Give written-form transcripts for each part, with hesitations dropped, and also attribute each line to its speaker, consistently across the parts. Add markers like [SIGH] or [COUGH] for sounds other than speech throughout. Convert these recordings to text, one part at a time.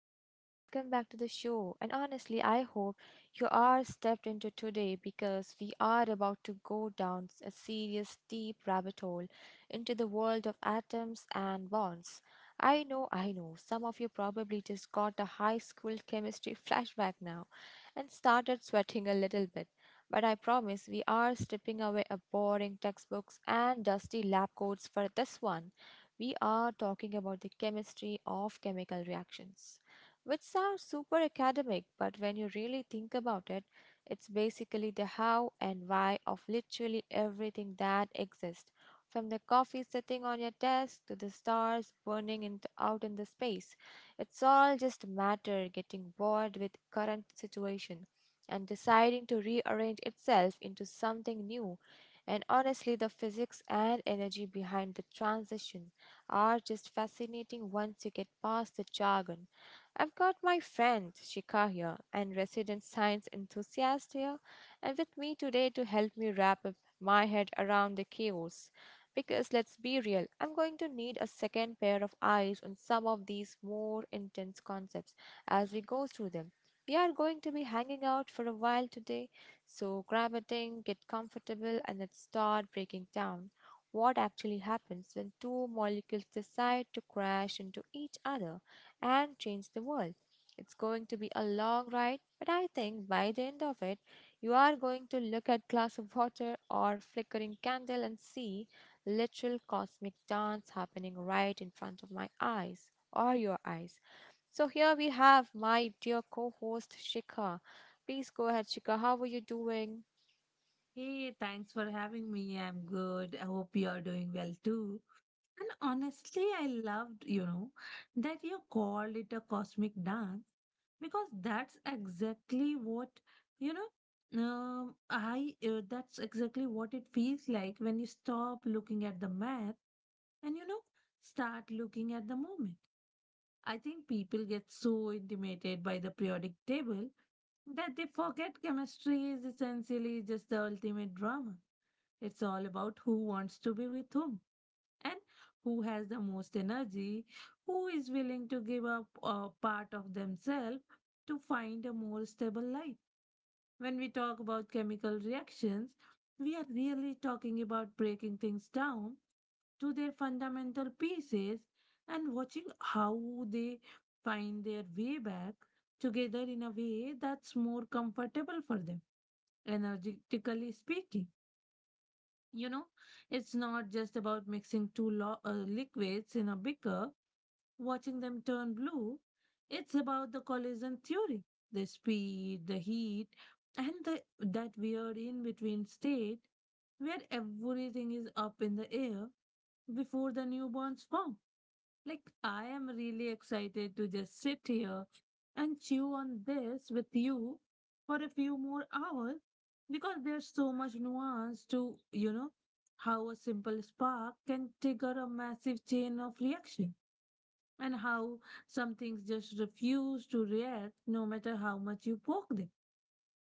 Speaker 1: everyone, welcome back to the show. And honestly, I hope you are stepped into today because we are about to go down a serious, deep rabbit hole into the world of atoms and bonds. I know, some of you probably just got a high school chemistry [LAUGHS] flashback now and started sweating a little bit. But I promise we are stripping away a boring textbooks and dusty lab coats for this one. We are talking about the chemistry of chemical reactions, which sounds super academic, but when you really think about it, it's basically the how and why of literally everything that exists, from the coffee sitting on your desk to the stars burning in out in the space. It's all just matter getting bored with current situation and deciding to rearrange itself into something new and honestly, the physics and energy behind the transition are just fascinating once you get past the jargon. I've got my friend Shika here and resident science enthusiast here, and with me today to help me wrap up my head around the chaos. Because let's be real, I'm going to need a second pair of eyes on some of these more intense concepts as we go through them. We are going to be hanging out for a while today, so grab a thing, get comfortable, and let's start breaking down what actually happens when two molecules decide to crash into each other and change the world. It's going to be a long ride, but I think by the end of it, you are going to look at glass of water or flickering candle and see literal cosmic dance happening right in front of my eyes or your eyes. So here we have my dear co-host Shikha. Please go ahead, Shikha. How are you doing?
Speaker 2: Hey, thanks for having me. I'm good. I hope you're doing well too. And honestly, I loved, you know, that you called it a cosmic dance because that's exactly what, you know, I that's exactly what it feels like when you stop looking at the math and, you know, start looking at the moment. I think people get so intimidated by the periodic table that they forget chemistry is essentially just the ultimate drama. It's all about who wants to be with whom and who has the most energy, who is willing to give up a part of themselves to find a more stable life. When we talk about chemical reactions, we are really talking about breaking things down to their fundamental pieces and watching how they find their way back together in a way that's more comfortable for them, energetically speaking. You know, it's not just about mixing liquids in a beaker, watching them turn blue. It's about the collision theory, the speed, the heat, and that weird in between state where everything is up in the air before the newborns form. Like, I am really excited to just sit here and chew on this with you for a few more hours because there's so much nuance to, you know, how a simple spark can trigger a massive chain of reaction and how some things just refuse to react no matter how much you poke them.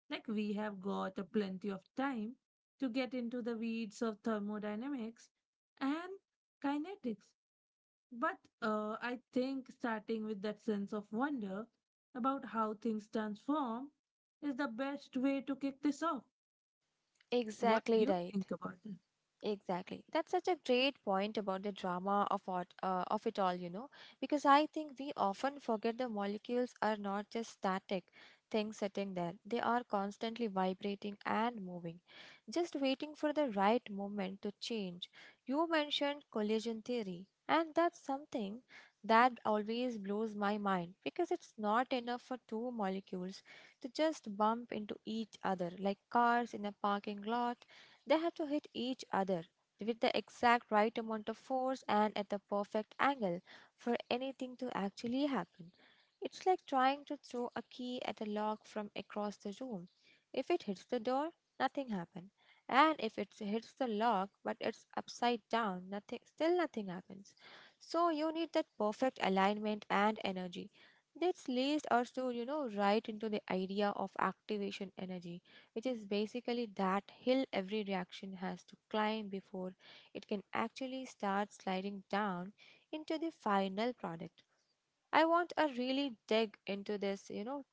Speaker 2: Like, we have got a plenty of time to get into the weeds of thermodynamics and kinetics, but I think starting with that sense of wonder about how things transform is the best way to kick this off. What
Speaker 1: Exactly
Speaker 2: you
Speaker 1: right.
Speaker 2: think about it?
Speaker 1: Exactly. That's such a great point about the drama of of it all, because I think we often forget the molecules are not just static things sitting there. They are constantly vibrating and moving, just waiting for the right moment to change. You mentioned collision theory, and that's something that always blows my mind because it's not enough for two molecules to just bump into each other like cars in a parking lot, they have to hit each other with the exact right amount of force and at the perfect angle for anything to actually happen. It's like trying to throw a key at a log from across the room. If it hits the door, nothing happened. And if it hits the log but it's upside down, nothing still nothing happens. So you need that perfect alignment and energy. This leads us to, right into the idea of activation energy, which is basically that hill every reaction has to climb before it can actually start sliding down into the final product. I want a really dig into this,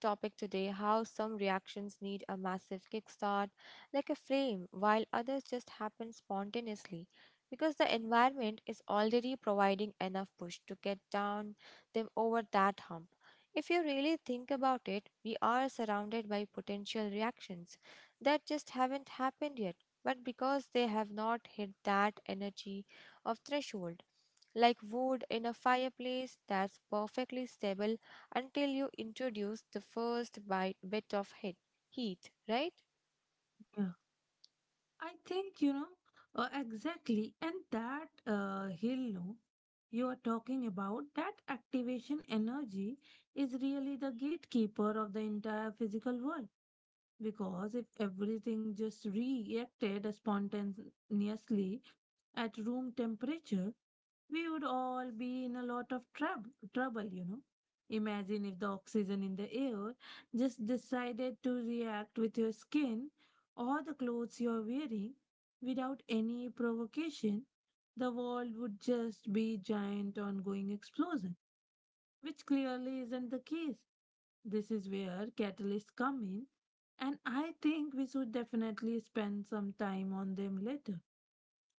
Speaker 1: topic today how some reactions need a massive kickstart, like a flame, while others just happen spontaneously because the environment is already providing enough push to get down them over that hump. If you really think about it, we are surrounded by potential reactions that just haven't happened yet, but because they have not hit that energy of threshold, like wood in a fireplace that's perfectly stable until you introduce the first bit of heat, right?
Speaker 2: Yeah, I think, you know, exactly, and that hill, no, you are talking about, that activation energy is really the gatekeeper of the entire physical world. Because if everything just reacted spontaneously at room temperature, we would all be in a lot of trouble, you know. Imagine if the oxygen in the air just decided to react with your skin or the clothes you're wearing without any provocation. The world would just be giant ongoing explosion, which clearly isn't the case. This is where catalysts come in, and I think we should definitely spend some time on them later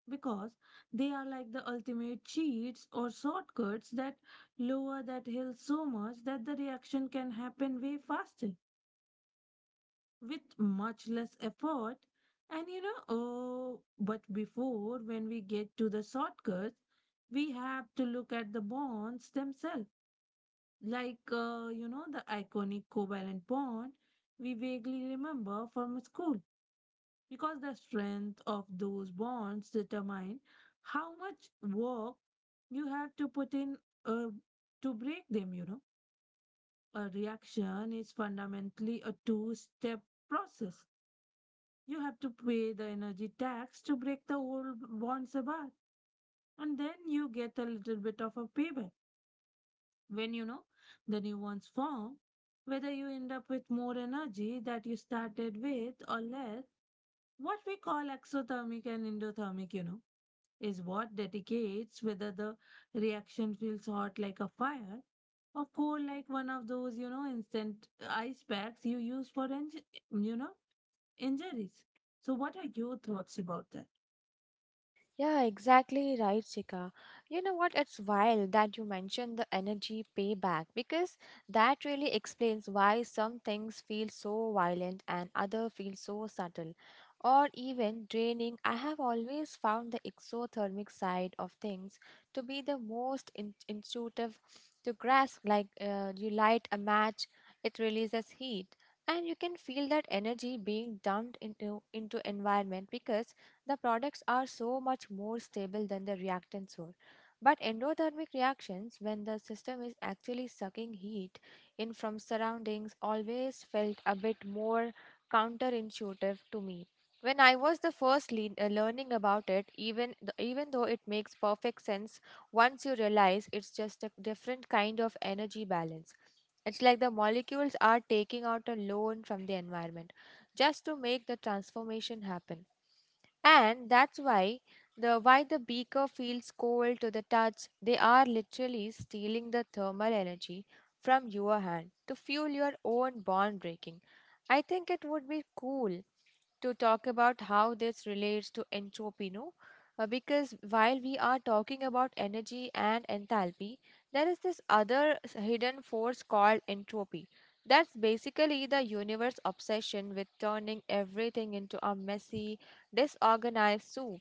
Speaker 2: because they are like the ultimate cheats or shortcuts that lower that hill so much that the reaction can happen way faster with much less effort. And you know, oh, but before when we get to the shortcuts, we have to look at the bonds themselves, like you know, the iconic covalent bond we vaguely remember from school, because the strength of those bonds determine how much work you have to put in uh, to break them. You know, a reaction is fundamentally a two step process. You have to pay the energy tax to break the old bonds apart, and then you get a little bit of a payback when, you know, the new ones form. Whether you end up with more energy that you started with or less, what we call exothermic and endothermic, you know, is what dedicates whether the reaction feels hot like a fire or cold like one of those, you know, instant ice packs you use for you know, injuries. So, what are your thoughts about that?
Speaker 1: Yeah, exactly right, Sika. You know what? It's wild that you mentioned the energy payback because that really explains why some things feel so violent and other feel so subtle or even draining. I have always found the exothermic side of things to be the most intuitive to grasp. Like you light a match, it releases heat. And you can feel that energy being dumped into environment because the products are so much more stable than the reactants were. But endothermic reactions, when the system is actually sucking heat in from surroundings, always felt a bit more counterintuitive to me. When I was the first learning about it, even though it makes perfect sense once you realize it's just a different kind of energy balance. It's like the molecules are taking out a loan from the environment just to make the transformation happen. And that's why the beaker feels cold to the touch. They are literally stealing the thermal energy from your hand to fuel your own bond breaking. I think it would be cool to talk about how this relates to entropy, no? Because while we are talking about energy and enthalpy, there is this other hidden force called entropy that's basically the universe obsession with turning everything into a messy, disorganized soup.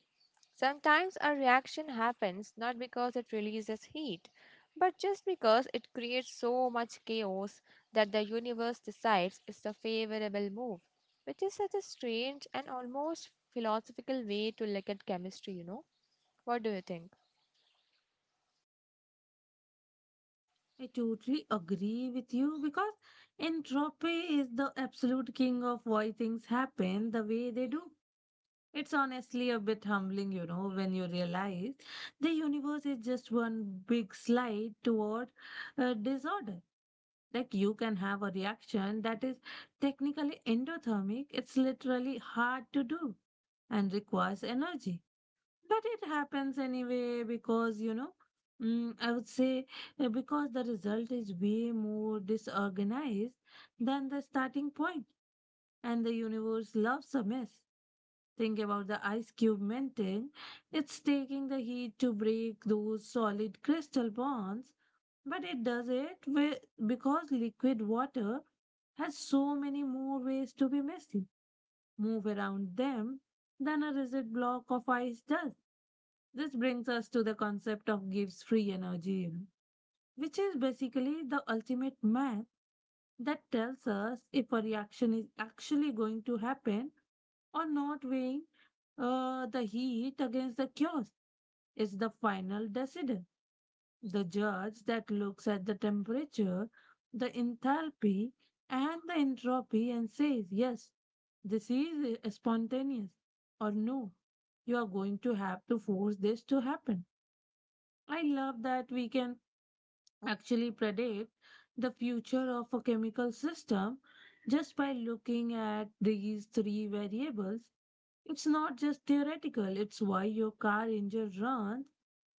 Speaker 1: Sometimes a reaction happens not because it releases heat, but just because it creates so much chaos that the universe decides is the favorable move, which is such a strange and almost philosophical way to look at chemistry, you know? What do you think?
Speaker 2: I totally agree with you because entropy is the absolute king of why things happen the way they do. It's honestly a bit humbling, you know, when you realize the universe is just one big slide toward disorder. Like, you can have a reaction that is technically endothermic, it's literally hard to do and requires energy, but it happens anyway because, you know, I would say, because the result is way more disorganized than the starting point, and the universe loves a mess. Think about the ice cube melting. It's taking the heat to break those solid crystal bonds, but it does it with, because liquid water has so many more ways to be messy, move around them, than a rigid block of ice does. This brings us to the concept of Gibbs free energy, which is basically the ultimate math that tells us if a reaction is actually going to happen or not. Weighing the heat against the chaos is the final decider, the judge that looks at the temperature, the enthalpy, and the entropy and says, yes, this is spontaneous, or no, you are going to have to force this to happen. I love that we can actually predict the future of a chemical system just by looking at these three variables. It's not just theoretical, it's why your car engine runs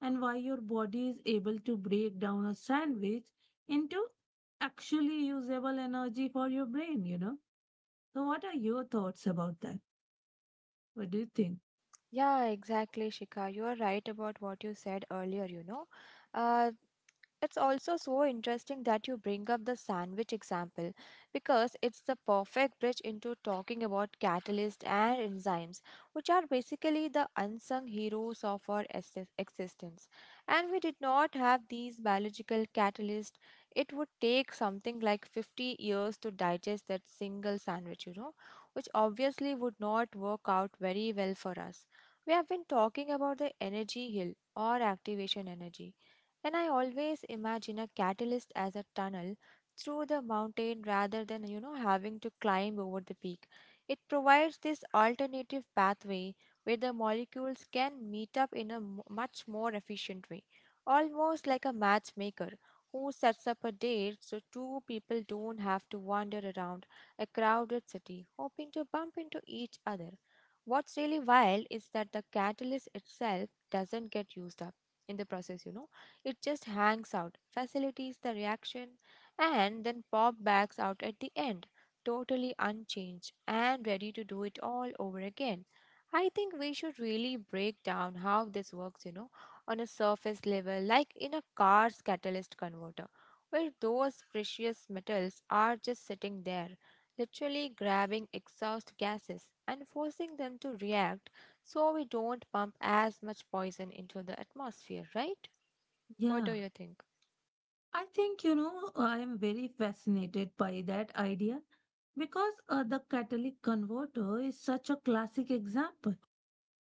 Speaker 2: and why your body is able to break down a sandwich into actually usable energy for your brain, you know. So, what are your thoughts about that? What do you think?
Speaker 1: Yeah, exactly, Shika. You are right about what you said earlier, you know. Uh, It's also so interesting that you bring up the sandwich example because it's the perfect bridge into talking about catalysts and enzymes, which are basically the unsung heroes of our existence. And we did not have these biological catalysts, it would take something like 50 years to digest that single sandwich, you know, which obviously would not work out very well for us. We have been talking about the energy hill or activation energy and I always imagine a catalyst as a tunnel through the mountain rather than, having to climb over the peak. It provides this alternative pathway where the molecules can meet up in a much more efficient way, almost like a matchmaker who sets up a date so two people don't have to wander around a crowded city hoping to bump into each other. What's really wild is that the catalyst itself doesn't get used up in the process, you know, it just hangs out, facilitates the reaction, and then pop backs out at the end, totally unchanged and ready to do it all over again. I think we should really break down how this works, on a surface level, like in a car's catalyst converter, where those precious metals are just sitting there, literally grabbing exhaust gases and forcing them to react so we don't pump as much poison into the atmosphere, right? What do
Speaker 2: Yeah,
Speaker 1: you think?
Speaker 2: I think, you know, I am very fascinated by that idea because the catalytic converter is such a classic example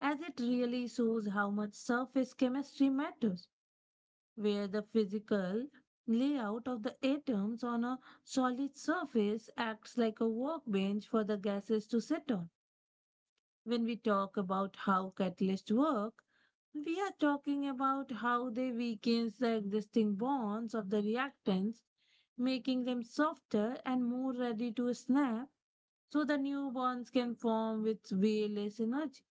Speaker 2: as it really shows how much surface chemistry matters. Where the physical layout of the atoms on a solid surface acts like a workbench for the gases to sit on. When we talk about how catalysts work, we are talking about how they weaken the existing bonds of the reactants, making them softer and more ready to snap so the new bonds can form with way less energy.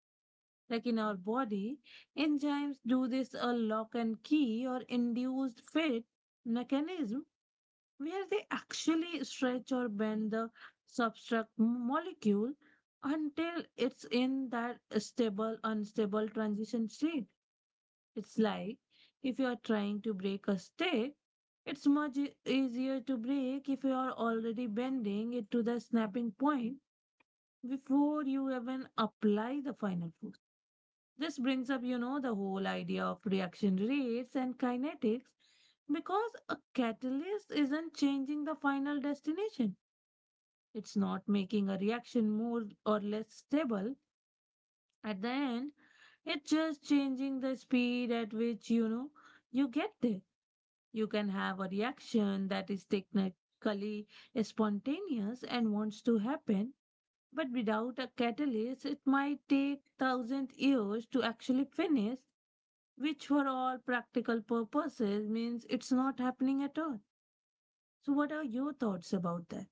Speaker 2: Like in our body, enzymes do this a lock and key or induced fit mechanism where they actually stretch or bend the substrate molecule until it's in that stable, unstable transition state. It's like if you are trying to break a stick, it's much easier to break if you are already bending it to the snapping point before you even apply the final force. This brings up, you know, the whole idea of reaction rates and kinetics because a catalyst isn't changing the final destination. It's not making a reaction more or less stable at the end. It's just changing the speed at which, you know, you get there. You can have a reaction that is technically spontaneous and wants to happen, but without a catalyst, it might take thousand years to actually finish, which for all practical purposes means it's not happening at all. So, what are your thoughts about that?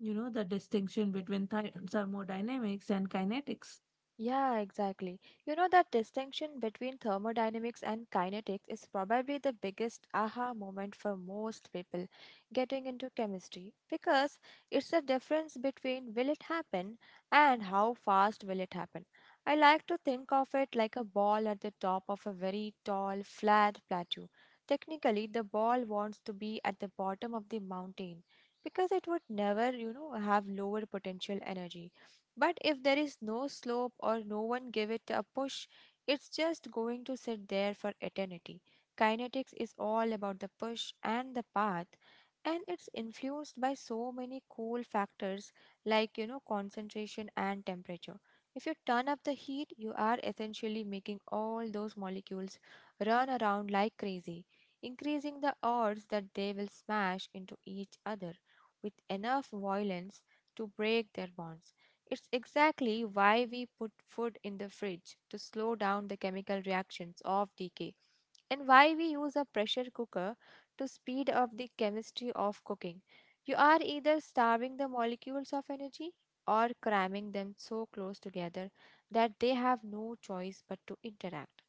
Speaker 2: You know, the distinction between thermodynamics and kinetics.
Speaker 1: Yeah, exactly. You know, that distinction between thermodynamics and kinetics is probably the biggest aha moment for most people getting into chemistry because it's the difference between will it happen and how fast will it happen. I like to think of it like a ball at the top of a very tall, flat plateau. Technically, the ball wants to be at the bottom of the mountain because it would never, have lower potential energy. But if there is no slope or no one give it a push, it's just going to sit there for eternity. Kinetics is all about the push and the path, and it's influenced by so many cool factors like, concentration and temperature. If you turn up the heat, you are essentially making all those molecules run around like crazy, increasing the odds that they will smash into each other with enough violence to break their bonds. It's exactly why we put food in the fridge to slow down the chemical reactions of decay, and why we use a pressure cooker to speed up the chemistry of cooking. You are either starving the molecules of energy or cramming them so close together that they have no choice but to interact.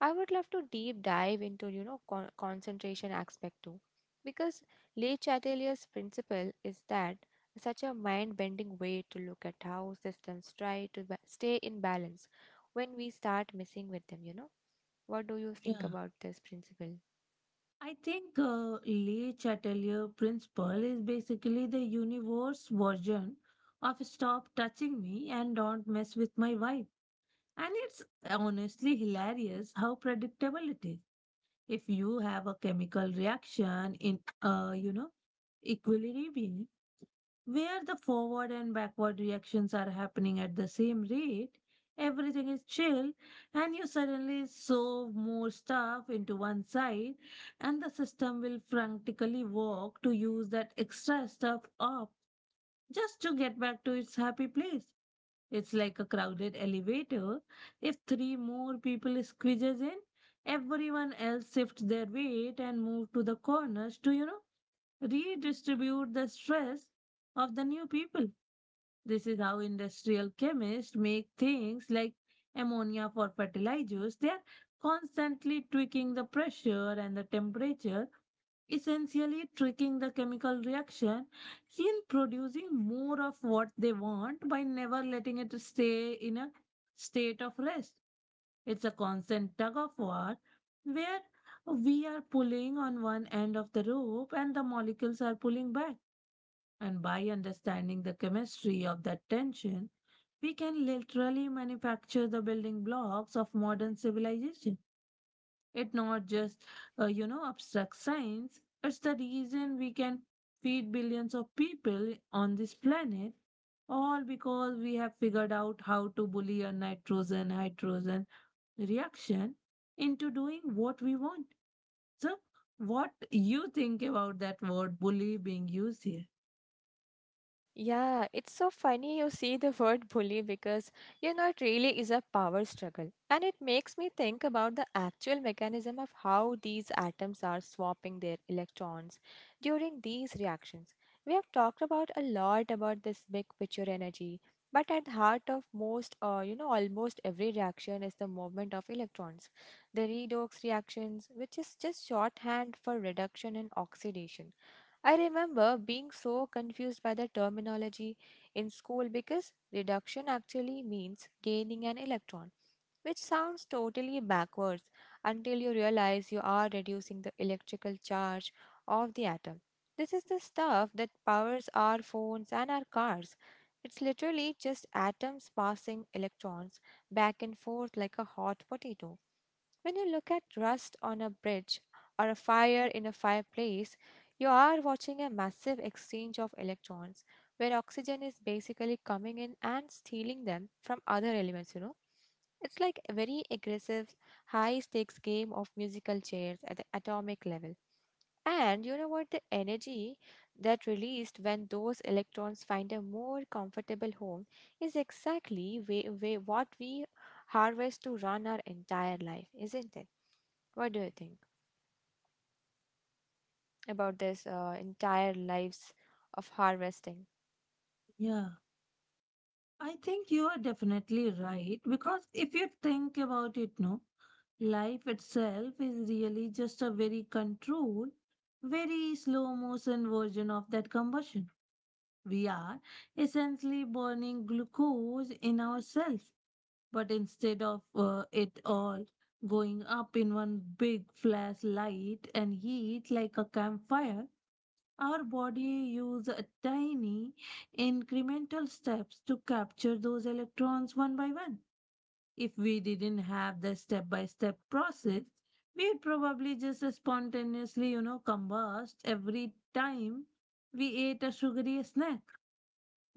Speaker 1: I would love to deep dive into, concentration aspect too, because Le Chatelier's principle is that such a mind-bending way to look at how systems try to stay in balance when we start messing with them, you know. What do you think
Speaker 2: Yeah.
Speaker 1: about this principle?
Speaker 2: I think Lee Chatelier principle is basically the universe version of stop touching me and don't mess with my vibe. And it's honestly hilarious how predictable it is. If you have a chemical reaction in, you know, equilibrium, where the forward and backward reactions are happening at the same rate, everything is chill, and you suddenly shove more stuff into one side, and the system will frantically work to use that extra stuff up just to get back to its happy place. It's like a crowded elevator. If three more people squeezes in, everyone else shifts their weight and move to the corners to, you know, redistribute the stress of the new people. This is how industrial chemists make things like ammonia for fertilizers. They are constantly tweaking the pressure and the temperature, essentially tricking the chemical reaction in producing more of what they want by never letting it stay in a state of rest. It's a constant tug of war where we are pulling on one end of the rope and the molecules are pulling back, and by understanding the chemistry of that tension, we can literally manufacture the building blocks of modern civilization. It's not just, you know, abstract science, it's the reason we can feed billions of people on this planet, all because we have figured out how to bully a nitrogen hydrogen reaction into doing what we want. So, what you think about that word bully being used here?
Speaker 1: Yeah, it's so funny you see the word bully because you know it really is a power struggle. And it makes me think about the actual mechanism of how these atoms are swapping their electrons during these reactions. We have talked about a lot about this big picture energy, but at the heart of most, almost every reaction is the movement of electrons, the redox reactions, which is just shorthand for reduction and oxidation. I remember being so confused by the terminology in school because reduction actually means gaining an electron, which sounds totally backwards until you realize you are reducing the electrical charge of the atom. This is the stuff that powers our phones and our cars. It's literally just atoms passing electrons back and forth like a hot potato. When you look at rust on a bridge or a fire in a fireplace, you are watching a massive exchange of electrons where oxygen is basically coming in and stealing them from other elements. It's like a very aggressive, high stakes game of musical chairs at the atomic level. And you know what? The energy that released when those electrons find a more comfortable home is exactly what we harvest to run our entire life, isn't it? What do you think about this entire lives of harvesting?
Speaker 2: Yeah. I think you are definitely right because if you think about it, no, life itself is really just a very controlled, very slow motion version of that combustion. We are essentially burning glucose in ourselves, but instead of it all going up in one big flashlight and heat like a campfire, our body use a tiny incremental steps to capture those electrons one by one. If we didn't have the step by step process, we'd probably just spontaneously, you know, combust every time we ate a sugary snack.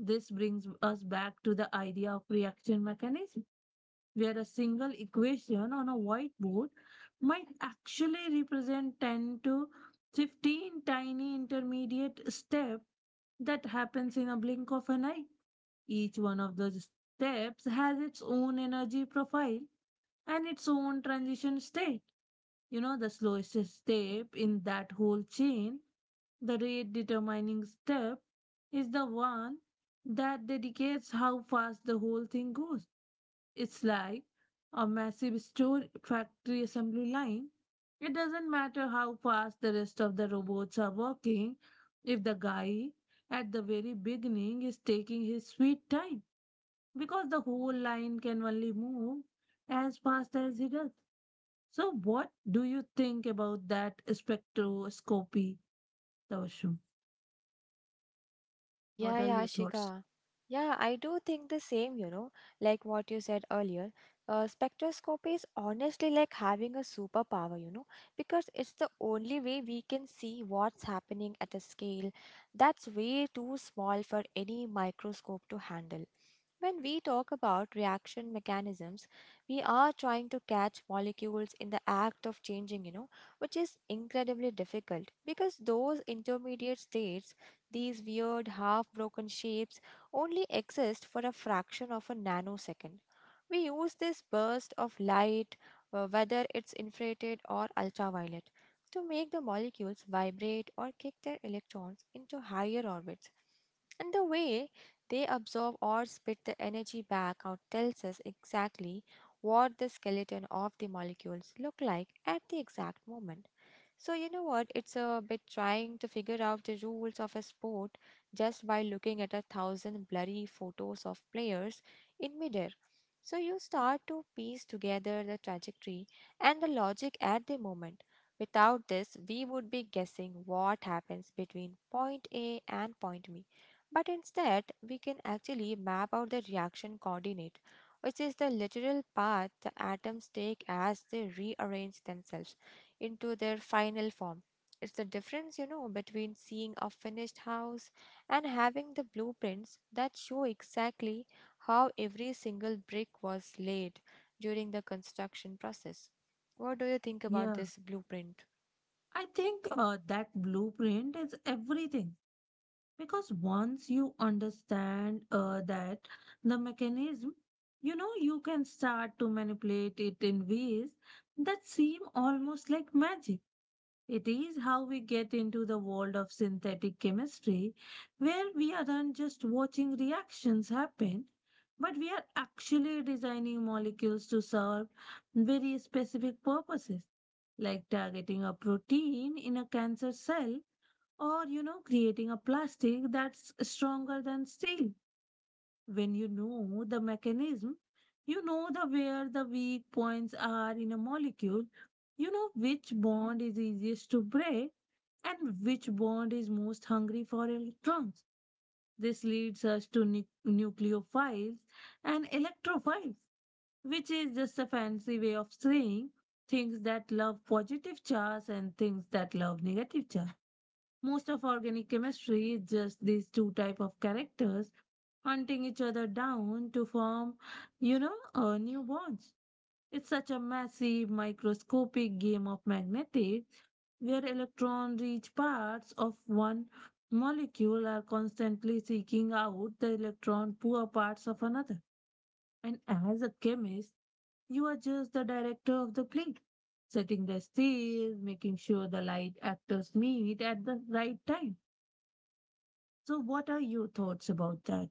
Speaker 2: This brings us back to the idea of reaction mechanism where a single equation on a whiteboard might actually represent 10 to 15 tiny intermediate steps that happens in a blink of an eye. Each one of the steps has its own energy profile and its own transition state. You know, the slowest step in that whole chain, the rate determining step, is the one that dedicates how fast the whole thing goes. It's like a massive store factory assembly line. It doesn't matter how fast the rest of the robots are working if the guy at the very beginning is taking his sweet time, because the whole line can only move as fast as he does. So, what do you think about that spectroscopy, Tavashum? What
Speaker 1: Yeah,
Speaker 2: are
Speaker 1: yeah,
Speaker 2: your thoughts?
Speaker 1: Shika. Yeah, I do think the same, you know, like what you said earlier. Spectroscopy is honestly like having a superpower, you know, because it's the only way we can see what's happening at a scale that's way too small for any microscope to handle. When we talk about reaction mechanisms, we are trying to catch molecules in the act of changing, you know, which is incredibly difficult because those intermediate states, these weird, half broken shapes only exist for a fraction of a nanosecond. We use this burst of light, whether it's infrared or ultraviolet, to make the molecules vibrate or kick their electrons into higher orbits. And the way they absorb or spit the energy back out tells us exactly what the skeleton of the molecules look like at the exact moment. So, you know what? It's a bit trying to figure out the rules of a sport just by looking at a thousand blurry photos of players in midair. So, you start to piece together the trajectory and the logic at the moment. Without this, we would be guessing what happens between point A and point B. But instead, we can actually map out the reaction coordinate, which is the literal path the atoms take as they rearrange themselves into their final form. It's the difference, you know, between seeing a finished house and having the blueprints that show exactly how every single brick was laid during the construction process. What do you think about
Speaker 2: Yeah,
Speaker 1: this blueprint?
Speaker 2: I think that blueprint is everything, because once you understand that the mechanism, you know, you can start to manipulate it in ways that seem almost like magic. It is how we get into the world of synthetic chemistry, where we aren't just watching reactions happen, but we are actually designing molecules to serve very specific purposes, like targeting a protein in a cancer cell, or, you know, creating a plastic that's stronger than steel. When you know the mechanism, you know the where the weak points are in a molecule, you know which bond is easiest to break and which bond is most hungry for electrons. This leads us to nucleophiles and electrophiles, which is just a fancy way of saying things that love positive charge and things that love negative charge. Most of organic chemistry is just these two type of characters hunting each other down to form, you know, new bonds. It's such a massive microscopic game of magnetics where electron-rich parts of one molecule are constantly seeking out the electron-poor parts of another. And as a chemist, you are just the director of the play, setting the stage, making sure the light actors meet at the right time. So, what are your thoughts about that?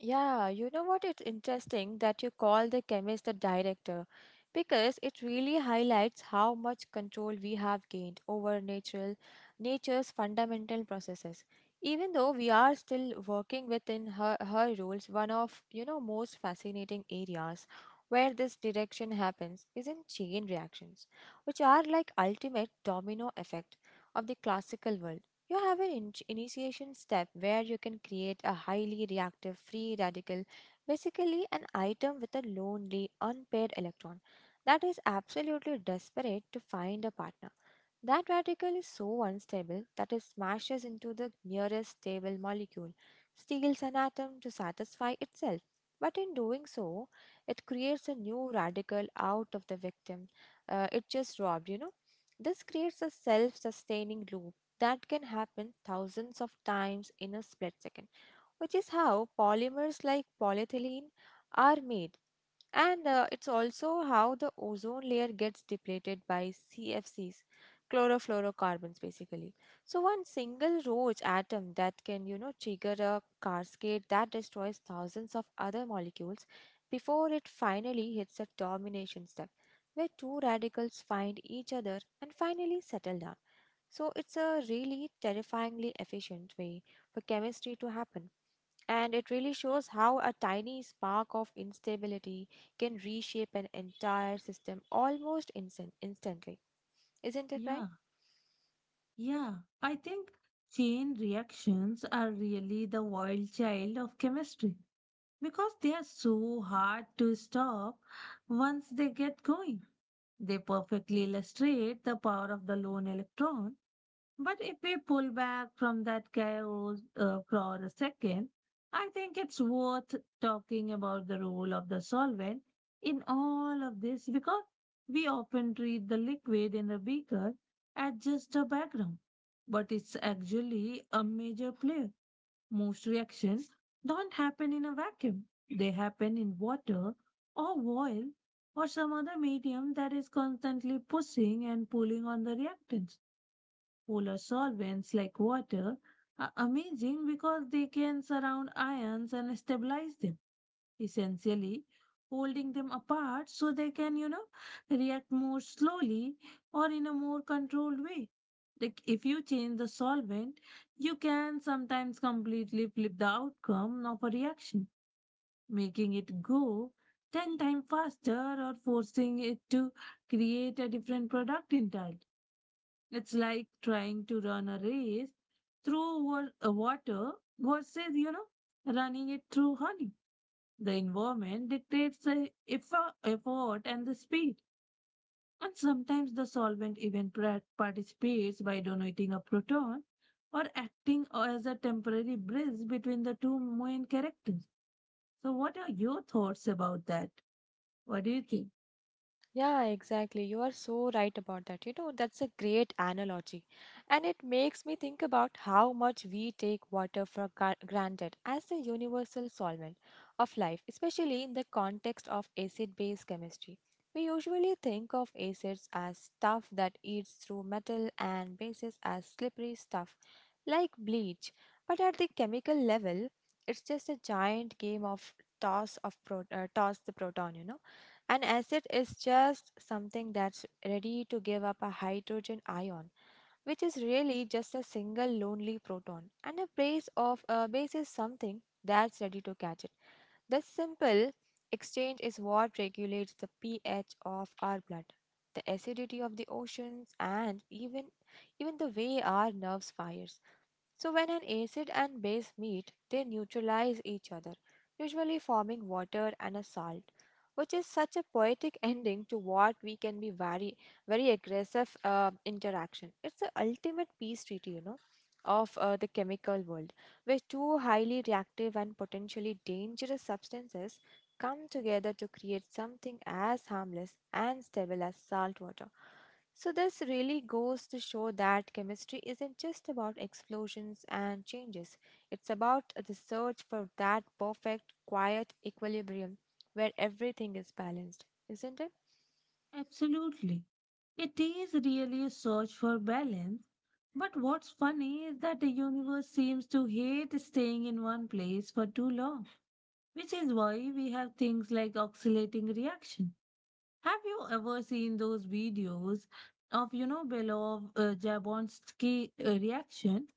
Speaker 1: Yeah, you know what? It's interesting that you call the chemist the director because it really highlights how much control we have gained over natural nature's fundamental processes. Even though we are still working within her rules, one of you know most fascinating areas where this direction happens is in chain reactions, which are like ultimate domino effect of the classical world. You have an initiation step where you can create a highly reactive free radical, basically, an item with a lonely, unpaired electron that is absolutely desperate to find a partner. That radical is so unstable that it smashes into the nearest stable molecule, steals an atom to satisfy itself. But in doing so, it creates a new radical out of the victim it just robbed, you know. This creates a self sustaining loop that can happen thousands of times in a split second, which is how polymers like polyethylene are made. And it's also how the ozone layer gets depleted by CFMs, chlorofluorocarbons basically. So one single roach atom that can, you know, trigger a cascade that destroys thousands of other molecules before it finally hits a domination step where two radicals find each other and finally settle down. So it's a really terrifyingly efficient way for chemistry to happen. And it really shows how a tiny spark of instability can reshape an entire system almost instantly. Isn't it right?
Speaker 2: Yeah, yeah. I think chain reactions are really the wild child of chemistry, because they are so hard to stop once they get going. They perfectly illustrate the power of the lone electron. But if we pull back from that chaos for a second, I think it's worth talking about the role of the solvent in all of this, because we often treat the liquid in the beaker as just a background, but it's actually a major player. Most reactions don't happen in a vacuum, they happen in water or oil or some other medium that is constantly pushing and pulling on the reactants. Polar solvents like water are amazing because they can surround ions and stabilize them, essentially holding them apart so they can, you know, react more slowly or in a more controlled way. Like, if you change the solvent, you can sometimes completely flip the outcome of a reaction, making it go 10 times faster or forcing it to create a different product entirely. It's like trying to run a race through water versus, you know, running it through honey. The environment dictates the effort and the speed. And sometimes the solvent even participates by donating a proton or acting as a temporary bridge between the two main characters. So, what are your thoughts about that? What do you think?
Speaker 1: Yeah, exactly. You are so right about that. You know, that's a great analogy. And it makes me think about how much we take water for granted as the universal solvent of life, especially in the context of acid base chemistry. We usually think of acids as stuff that eats through metal and bases as slippery stuff like bleach. But at the chemical level, it's just a giant game of toss the proton, you know, an acid is just something that's ready to give up a hydrogen ion, which is really just a single lonely proton, and a base is something that's ready to catch it. This simple exchange is what regulates the pH of our blood, the acidity of the oceans, and even the way our nerves fires. So, when an acid and base meet, they neutralize each other, usually forming water and a salt, which is such a poetic ending to what we can be very aggressive interaction. It's the ultimate peace treaty, you know, of the chemical world, where two highly reactive and potentially dangerous substances come together to create something as harmless and stable as salt water. So, this really goes to show that chemistry isn't just about explosions and changes. It's about the search for that perfect, quiet equilibrium where everything is balanced, isn't it?
Speaker 2: Absolutely. It is really a search for balance. But what's funny is that the universe seems to hate staying in one place for too long, which is why we have things like oscillating reaction. Have you ever seen those videos of, you know, Belov Jablonski reaction,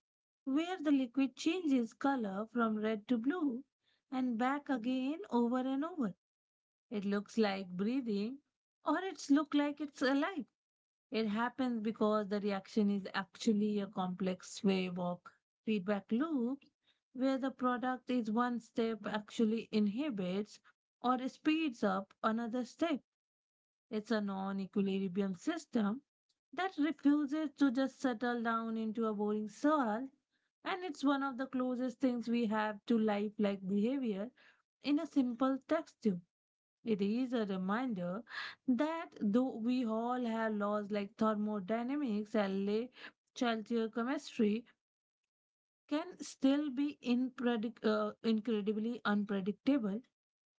Speaker 2: where the liquid changes color from red to blue and back again over and over? It looks like breathing, or it's look like it's alive. It happens because the reaction is actually a complex wave of feedback loops where the product is one step actually inhibits or speeds up another step. It's a non equilibrium system that refuses to just settle down into a boring soil. And it's one of the closest things we have to life-like behavior in a simple text tube. It is a reminder that though we all have laws like thermodynamics and Chaltier, chemistry can still be incredibly unpredictable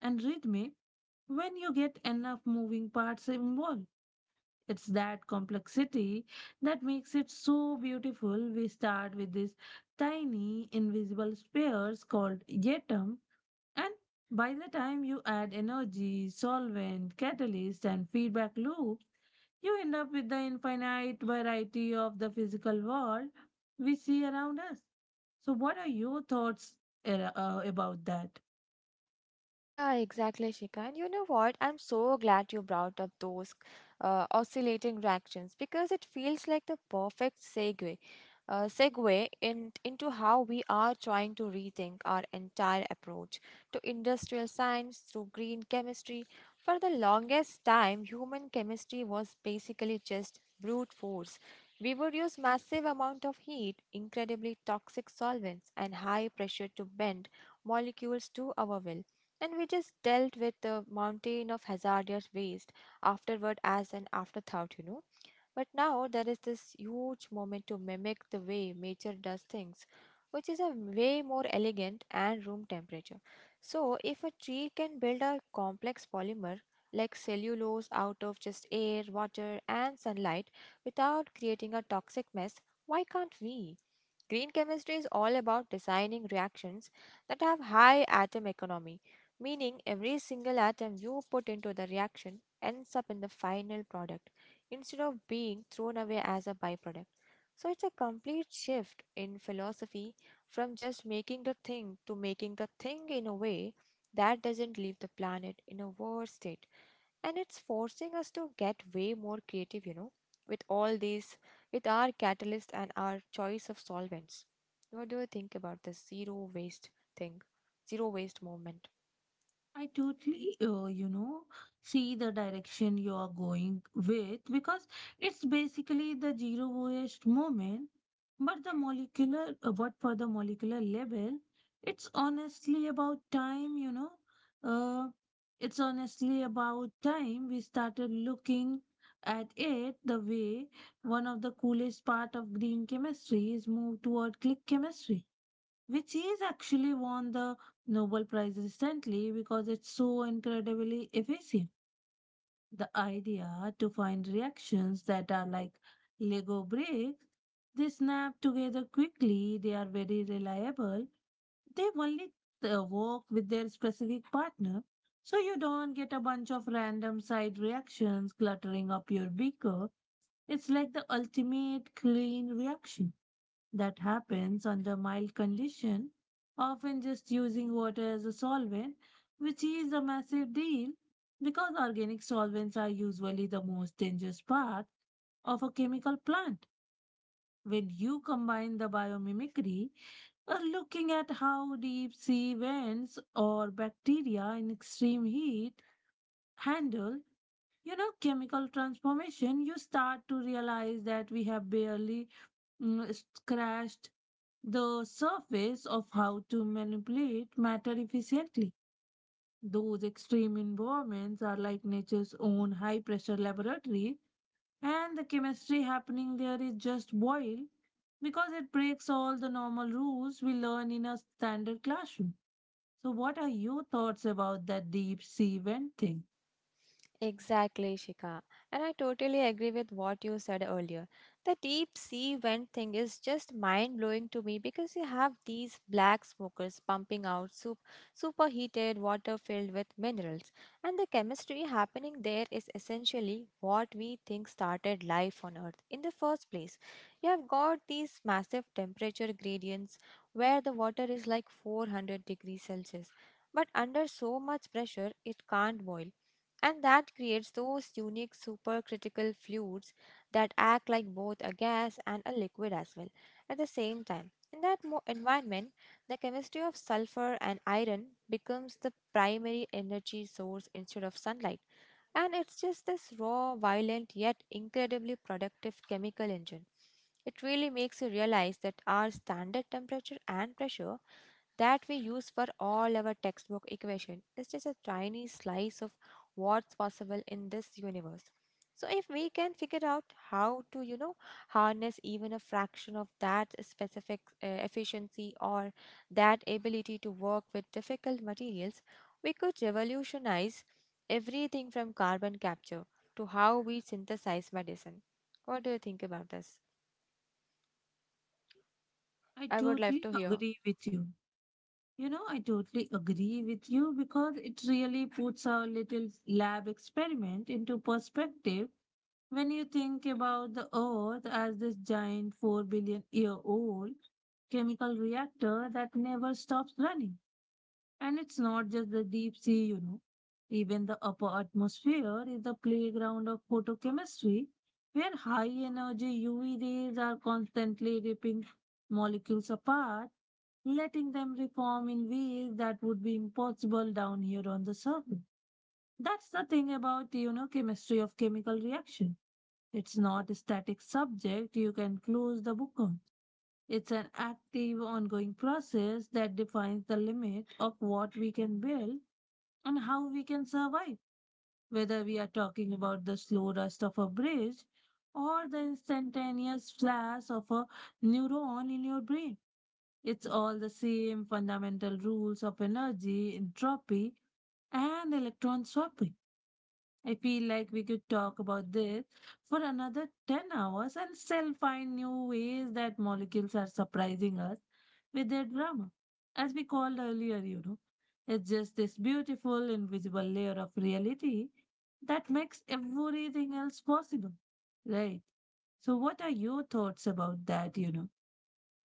Speaker 2: and rhythmic when you get enough moving parts involved. It's that complexity that makes it so beautiful. We start with these tiny invisible spheres called atom, and by the time you add energy, solvent, catalyst, and feedback loops, you end up with the infinite variety of the physical world we see around us. So, what are your thoughts about that?
Speaker 1: Yeah, exactly, Shika. And you know what? I'm so glad you brought up those oscillating reactions because it feels like the perfect segue, into how we are trying to rethink our entire approach to industrial science through green chemistry. For the longest time, human chemistry was basically just brute force. We would use massive amount of heat, incredibly toxic solvents, and high pressure to bend molecules to our will and we just dealt with the mountain of hazardous waste afterward as an afterthought, you know. But now there is this huge moment to mimic the way nature does things, which is a way more elegant and room temperature. So, if a tree can build a complex polymer like cellulose out of just air, water, and sunlight without creating a toxic mess, why can't we? Green chemistry is all about designing reactions that have high atom economy, meaning every single atom you put into the reaction ends up in the final product instead of being thrown away as a byproduct. So it's a complete shift in philosophy from just making the thing to making the thing in a way that doesn't leave the planet in a worse state and it's forcing us to get way more creative, you know, with all these, with our catalyst and our choice of solvents. What do you think about this zero waste thing, zero waste movement?
Speaker 2: I totally, you know, see the direction you are going with, because it's basically the zero waste movement. But the but for the molecular level, it's honestly about time, you know. Uh, it's honestly about time we started looking at it the way. One of the coolest part of green chemistry is move toward click chemistry, which is actually won the Nobel Prize recently because it's so incredibly efficient. The idea to find reactions that are like Lego bricks: they snap together quickly, they are very reliable, they only work with their specific partner. So you don't get a bunch of random side reactions cluttering up your beaker. It's like the ultimate clean reaction that happens under mild condition, often just using water as a solvent, which is a massive deal because organic solvents are usually the most dangerous part of a chemical plant. When you combine the biomimicry, we're looking at how deep sea vents or bacteria in extreme heat handle, you know, chemical transformation, you start to realize that we have barely scratched the surface of how to manipulate matter efficiently. Those extreme environments are like nature's own high pressure laboratory, and the chemistry happening there is just boil, because it breaks all the normal rules we learn in a standard classroom. So what are your thoughts about that deep sea vent thing?
Speaker 1: Exactly, Shika. And I totally agree with what you said earlier. The deep sea vent thing is just mind blowing to me because you have these black smokers pumping out soup, superheated water filled with minerals. And the chemistry happening there is essentially what we think started life on Earth in the first place. You have got these massive temperature gradients where the water is like 400 degrees Celsius. But under so much pressure, it can't boil and that creates those unique supercritical fluids that act like both a gas and a liquid as well at the same time. In that environment, the chemistry of sulfur and iron becomes the primary energy source instead of sunlight. And it's just this raw, violent, yet incredibly productive chemical engine. It really makes you realize that our standard temperature and pressure that we use for all our textbook equation is just a tiny slice of what's possible in this universe. So if we can figure out how to, you know, harness even a fraction of that specific efficiency or that ability to work with difficult materials, we could revolutionize everything from carbon capture to how we synthesize medicine. What do you think about this?
Speaker 2: I
Speaker 1: I would love
Speaker 2: totally
Speaker 1: to hear.
Speaker 2: agree with you. You know, I totally agree with you because it really puts our little lab experiment into perspective when you think about the Earth as this giant 4 billion year old chemical reactor that never stops running. And it's not just the deep sea, you know. Even the upper atmosphere is the playground of photochemistry, where high energy UV rays are constantly ripping molecules apart, letting them reform in ways that would be impossible down here on the surface. That's the thing about, you know, chemistry of chemical reaction. It's not a static subject you can close the book on. It's an active, ongoing process that defines the limit of what we can build and how we can survive. Whether we are talking about the slow rust of a bridge or the instantaneous flash of a neuron in your brain, it's all the same fundamental rules of energy, entropy, and electron swapping. I feel like we could talk about this for another 10 hours and still find new ways that molecules are surprising us with their drama. As we called earlier, you know, it's just this beautiful invisible layer of reality that makes everything else possible. Right. So, what are your thoughts about that, you know?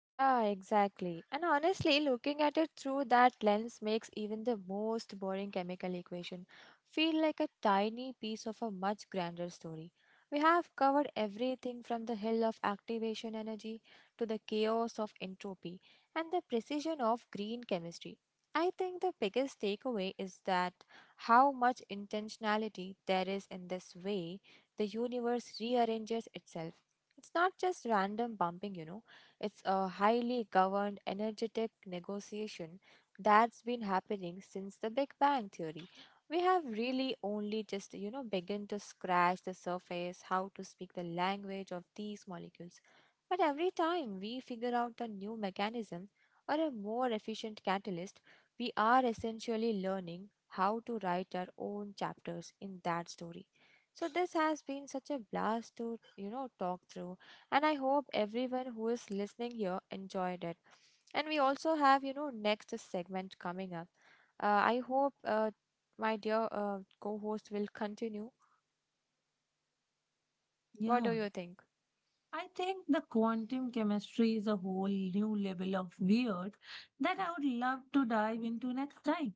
Speaker 1: Yeah, exactly. And honestly, looking at it through that lens makes even the most boring chemical equation feel like a tiny piece of a much grander story. We have covered everything from the hill of activation energy to the chaos of entropy and the precision of green chemistry. I think the biggest takeaway is that how much intentionality there is in this way the universe rearranges itself. It's not just random bumping, you know it's a highly governed, energetic negotiation that's been happening since the Big Bang Theory. We have really only just, you know, begun to scratch the surface how to speak the language of these molecules. But every time we figure out a new mechanism or a more efficient catalyst, we are essentially learning how to write our own chapters in that story. So this has been such a blast to, you know, talk through and I hope everyone who is listening here enjoyed it. And we also have, you know, next segment coming up. Uh, I hope my dear co host will continue. What do
Speaker 2: Yeah.
Speaker 1: you think?
Speaker 2: I think the quantum chemistry is a whole new level of weird that I would love to dive into next time.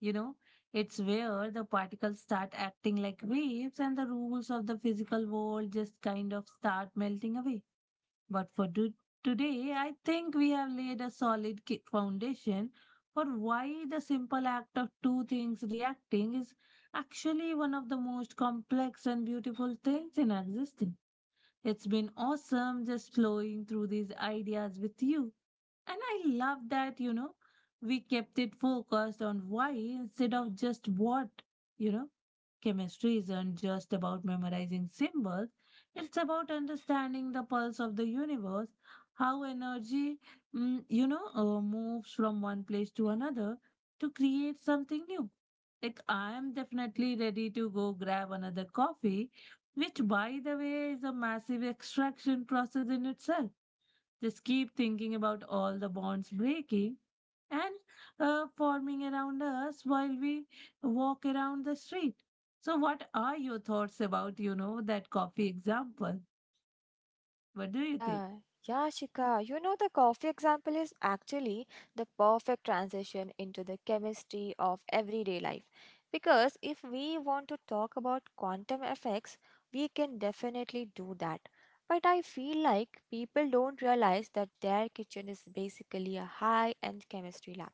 Speaker 2: You know, it's where the particles start acting like waves and the rules of the physical world just kind of start melting away. But for today, I think we have laid a solid foundation for why the simple act of two things reacting is actually one of the most complex and beautiful things in existence. It's been awesome just flowing through these ideas with you. And I love that, you know, we kept it focused on why instead of just what, you know. Chemistry isn't just about memorizing symbols, it's about understanding the pulse of the universe, how energy, moves from one place to another to create something new. Like, I am definitely ready to go grab another coffee, which, by the way, is a massive extraction process in itself. Just keep thinking about all the bonds breaking and forming around us while we walk around the street. So, what are your thoughts about, you know, that coffee example? What do you think?
Speaker 1: Yeah, yeah, Shika. You know, the coffee example is actually the perfect transition into the chemistry of everyday life. Because if we want to talk about quantum effects, we can definitely do that. But I feel like people don't realize that their kitchen is basically a high-end chemistry lab.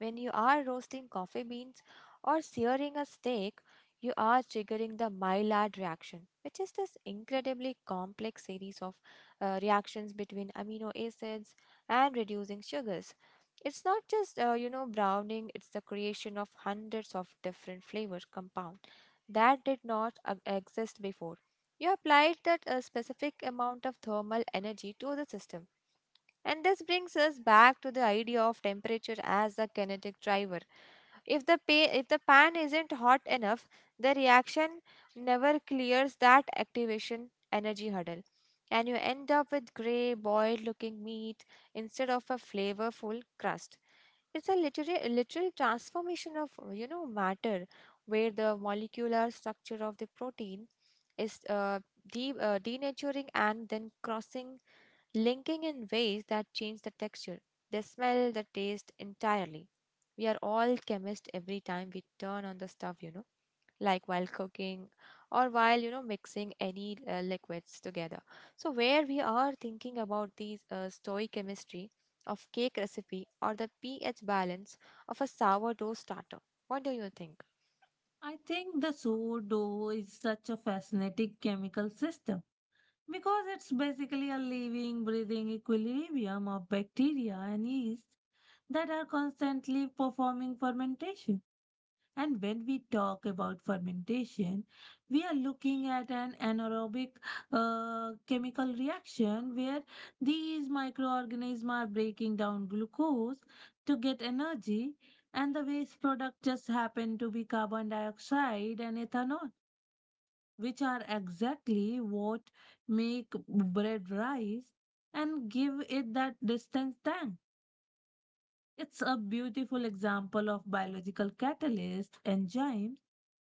Speaker 1: When you are roasting coffee beans or searing a steak, you are triggering the Maillard reaction, which is this incredibly complex series of reactions between amino acids and reducing sugars. It's not just browning; it's the creation of hundreds of different flavor compound that did not exist before. You applied that a specific amount of thermal energy to the system. And this brings us back to the idea of temperature as a kinetic driver. If the pan isn't hot enough, the reaction never clears that activation energy hurdle, and you end up with gray, boiled looking meat instead of a flavorful crust. It's a literal, literal transformation of matter, where the molecular structure of the protein is denaturing and then crossing linking in ways that change the texture, the smell, the taste entirely. We are all chemists every time we turn on the stuff, like while cooking or while mixing any liquids together. So, where we are thinking about these stoichemistry of cake recipe or the pH balance of a sourdough starter. What do you think?
Speaker 2: I think the sourdough is such a fascinating chemical system, because it's basically a living, breathing equilibrium of bacteria and yeast that are constantly performing fermentation. And when we talk about fermentation, we are looking at an anaerobic chemical reaction where these microorganisms are breaking down glucose to get energy, and the waste product just happen to be carbon dioxide and ethanol, which are exactly what make bread rise and give it that distinct tang. It's a beautiful example of biological catalyst enzymes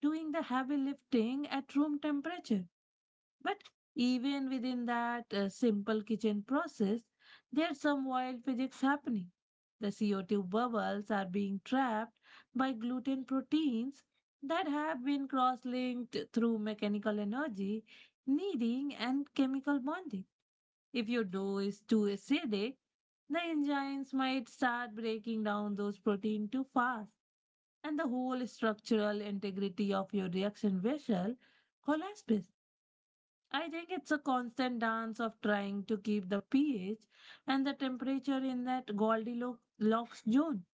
Speaker 2: doing the heavy lifting at room temperature. But even within that simple kitchen process, there's some wild physics happening. The CO2 bubbles are being trapped by gluten proteins that have been cross linked through mechanical energy, kneading, and chemical bonding. If your dough is too acidic, the enzymes might start breaking down those proteins too fast, and the whole structural integrity of your reaction vessel collapses. I think it's a constant dance of trying to keep the pH and the temperature in that Goldilocks zone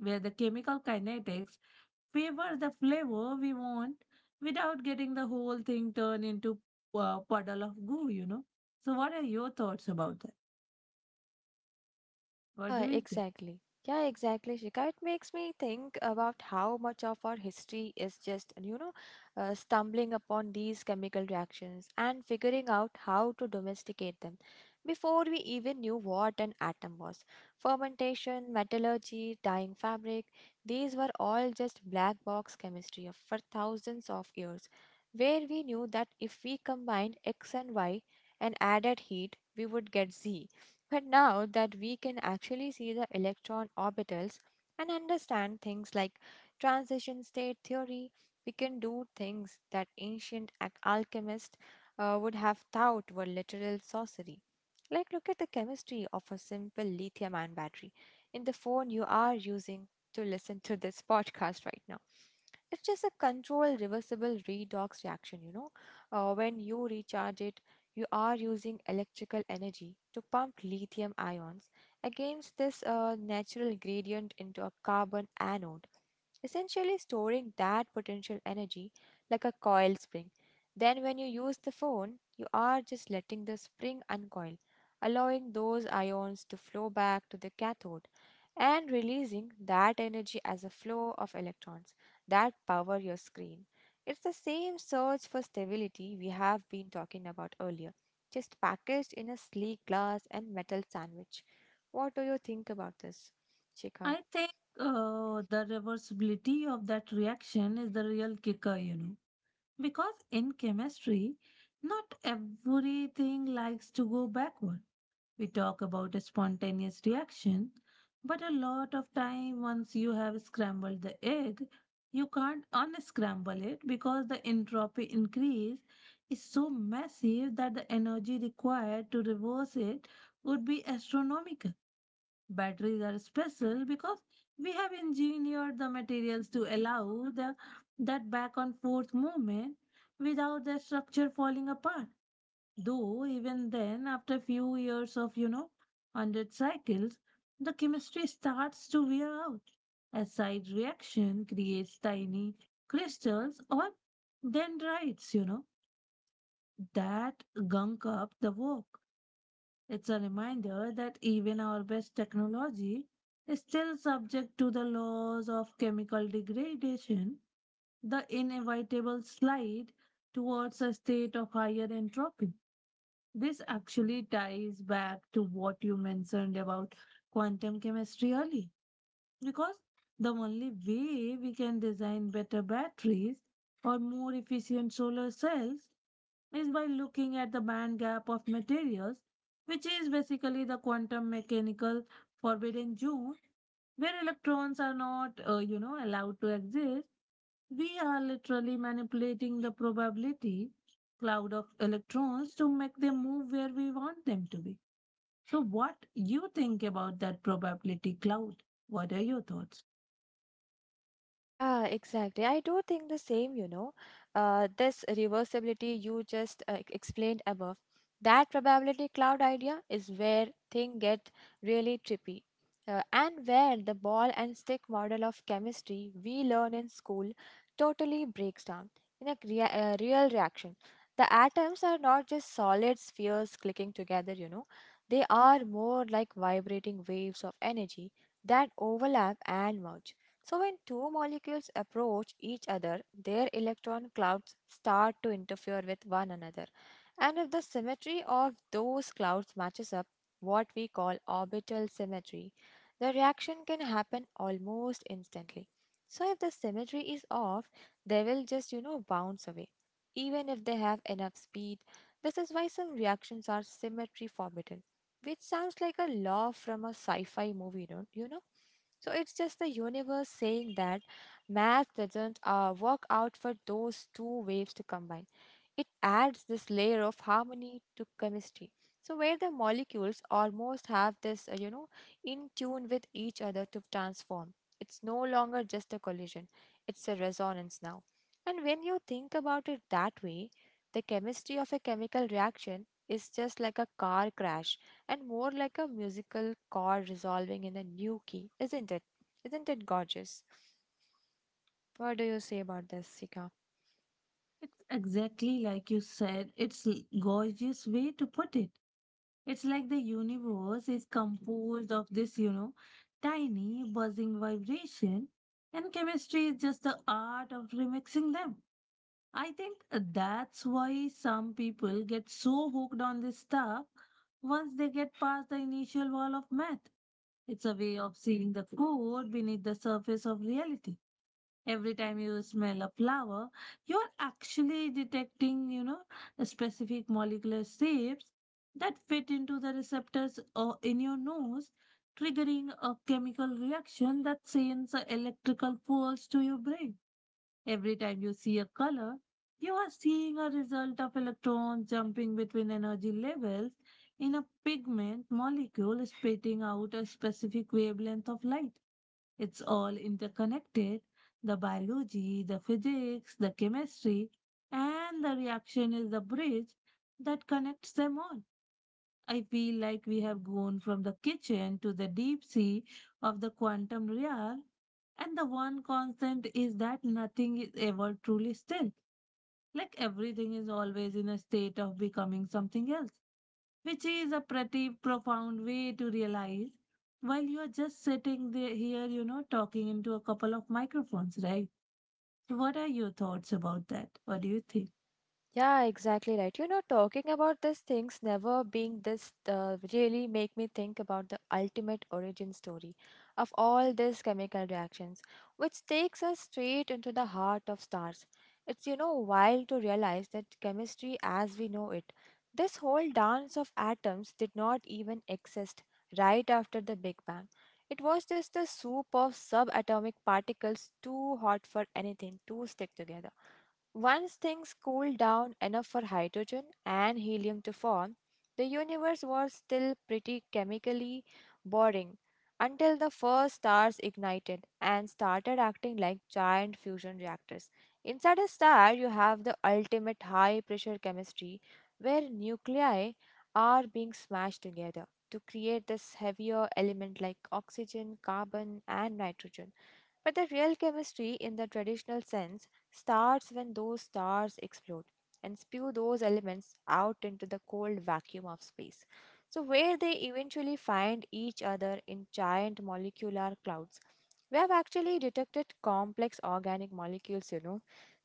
Speaker 2: where the chemical kinetics favor the flavor we want without getting the whole thing turned into a puddle of goo. So, what are your thoughts about that? What
Speaker 1: Yeah,
Speaker 2: do you think?
Speaker 1: exactly. Yeah, exactly, Shikha. It makes me think about how much of our history is just, stumbling upon these chemical reactions and figuring out how to domesticate them before we even knew what an atom was. Fermentation, metallurgy, dyeing fabric, these were all just black box chemistry for thousands of years, where we knew that if we combined X and Y and added heat, we would get Z, but now that we can actually see the electron orbitals and understand things like transition state theory, we can do things that ancient alchemists would have thought were literal sorcery. Like, look at the chemistry of a simple lithium ion battery in the phone you are using to listen to this [LAUGHS] podcast right now. It's just a controlled reversible redox reaction. When you recharge it you are using electrical energy to pump lithium ions against this natural gradient into a carbon anode, essentially storing that potential energy like a coil spring. Then, when you use the phone, you are just letting the spring uncoil, allowing those ions to flow back to the cathode and releasing that energy as a flow of electrons that power your screen. It's the same search for stability we have been talking about earlier, just packaged in a sleek glass and metal sandwich. What do you think about this, Shikha?
Speaker 2: I think the reversibility of that reaction is the real kicker, because in chemistry, not everything likes to go backward. We talk about a spontaneous reaction, but a lot of time once you have scrambled the egg, you can't unscramble it because the entropy increase is so massive that the energy required to reverse it would be astronomical. Batteries are special because we have engineered the materials to allow the, that back and forth movement without the structure falling apart. Though even then, after few years of 100 cycles, the chemistry starts to wear out. A side reaction creates tiny crystals or dendrites, that gunk up the work. It's a reminder that even our best technology is still subject to the laws of chemical degradation, the inevitable slide towards a state of higher entropy. This actually ties back to what you mentioned about quantum chemistry early, because the only way we can design better batteries or more efficient solar cells is by looking at the band gap of materials, which is basically the quantum mechanical forbidden zone where electrons are not allowed to exist. We are literally manipulating the probability cloud of electrons to make them move where we want them to be. So what you think about that probability cloud? What are your thoughts?
Speaker 1: Yeah, exactly. I do think the same, you know. This reversibility you just explained above, that probability cloud idea is where things get really trippy. And where the ball and stick model of chemistry we learn in school totally breaks down in a real reaction. The atoms are not just solid spheres clicking together, you know. They are more like vibrating waves of energy that overlap and merge. So, when two molecules approach each other, their electron clouds start to interfere with one another. And if the symmetry of those clouds matches up, what we call orbital symmetry, the reaction can happen almost instantly. So, if the symmetry is off, they will just bounce away, even if they have enough speed. This is why some reactions are symmetry forbidden, which sounds like a law from a sci fi movie, don't you know? So it's just the universe saying that math doesn't work out for those two waves to combine. It adds this layer of harmony to chemistry. So, where the molecules almost have this, in tune with each other to transform. It's no longer just a collision, it's a resonance now. And when you think about it that way, the chemistry of a chemical reaction is just like a car crash and more like a musical chord resolving in a new key, isn't it? Isn't it gorgeous? What do you say about this, Sika?
Speaker 2: It's exactly like you said. It's a gorgeous way to put it. It's like the universe is composed of this, tiny buzzing vibration and chemistry is just the art of remixing them. I think that's why some people get so hooked on this stuff once they get past the initial wall of math. It's a way of seeing the code beneath the surface of reality. Every time you smell a flower, you're actually detecting, specific molecular shapes that fit into the receptors or in your nose, triggering a chemical reaction that sends a electrical pulse to your brain. Every time you see a color, you are seeing a result of electrons jumping between energy levels in a pigment molecule spitting out a specific wavelength of light. It's all interconnected the biology, the physics, the chemistry, and the reaction is the bridge that connects them all. I feel like we have gone from the kitchen to the deep sea of the quantum real, and the one constant is that nothing is ever truly still. Like everything is always in a state of becoming something else which is a pretty profound way to realize while you're just sitting there here, talking into a couple of microphones, right? So what are your thoughts about that? What do you think?
Speaker 1: Yeah, exactly right. Talking about these things never being this really make me think about the ultimate origin story of all these chemical reactions, which takes us straight into the heart of stars. It's wild to realize that chemistry as we know it, this whole dance of atoms did not even exist right after the Big Bang. It was just a soup of subatomic particles too hot for anything to stick together. Once things cooled down enough for hydrogen and helium to form, the universe was still pretty chemically boring until the first stars ignited and started acting like giant fusion reactors. Inside a star, you have the ultimate high pressure chemistry where nuclei are being smashed together to create this heavier element like oxygen, carbon, and nitrogen. But the real chemistry, in the traditional sense, starts when those stars explode and spew those elements out into the cold vacuum of space. So, where they eventually find each other in giant molecular clouds, we have actually detected complex organic molecules.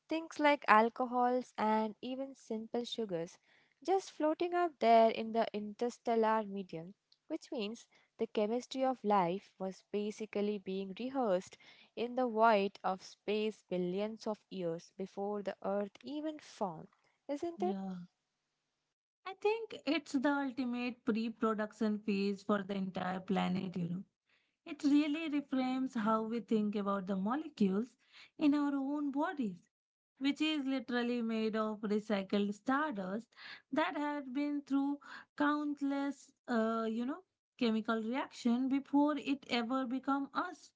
Speaker 1: Things like alcohols and even simple sugars just floating out there in the interstellar medium, which means the chemistry of life was basically being rehearsed in the void of space billions of years before the earth even formed, isn't it?
Speaker 2: Yeah. I think it's the ultimate pre production phase for the entire planet. It really reframes how we think about the molecules in our own bodies, which is literally made of recycled stardust that had been through countless, chemical reaction before it ever become us.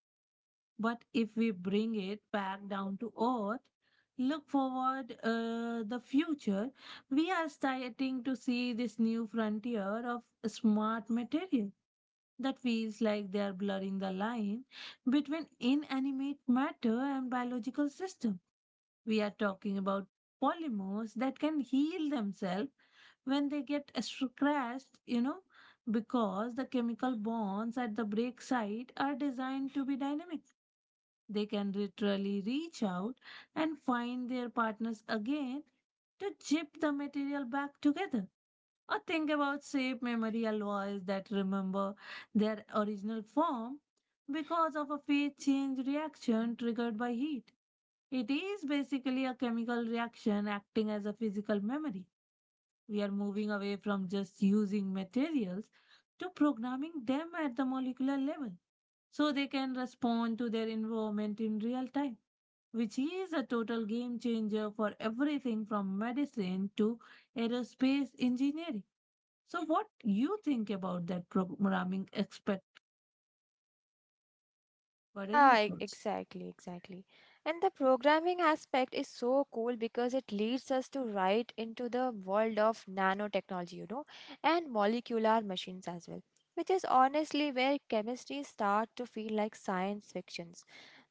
Speaker 2: But if we bring it back down to earth, look forward the future, we are starting to see this new frontier of smart material that feels like they are blurring the line between inanimate matter and biological system. We are talking about polymers that can heal themselves when they get scratched, because the chemical bonds at the break site are designed to be dynamic. They can literally reach out and find their partners again to chip the material back together. Or think about shape memory alloys that remember their original form because of a phase change reaction triggered by heat. It is basically a chemical reaction acting as a physical memory. We are moving away from just using materials to programming them at the molecular level so they can respond to their environment in real time, which is a total game changer for everything from medicine to aerospace engineering. So, what you think about that programming aspect? What are your
Speaker 1: Yeah,
Speaker 2: thoughts?
Speaker 1: exactly, exactly. And the programming aspect is so cool because it leads us to right into the world of nanotechnology, and molecular machines as well, which is honestly where chemistry start to feel like science fictions.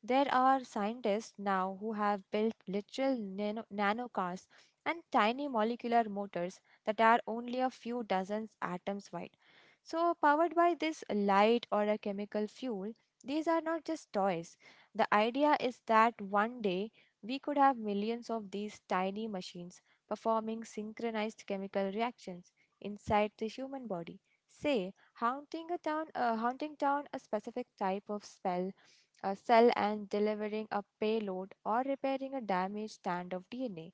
Speaker 1: There are scientists now who have built literal nano cars and tiny molecular motors that are only a few dozens atoms wide, so, powered by this light or a chemical fuel, these are not just toys. The idea is that one day we could have millions of these tiny machines performing synchronized chemical reactions inside the human body. Say, haunting a town, haunting down a specific type of spell, a cell, and delivering a payload, or repairing a damaged strand of DNA.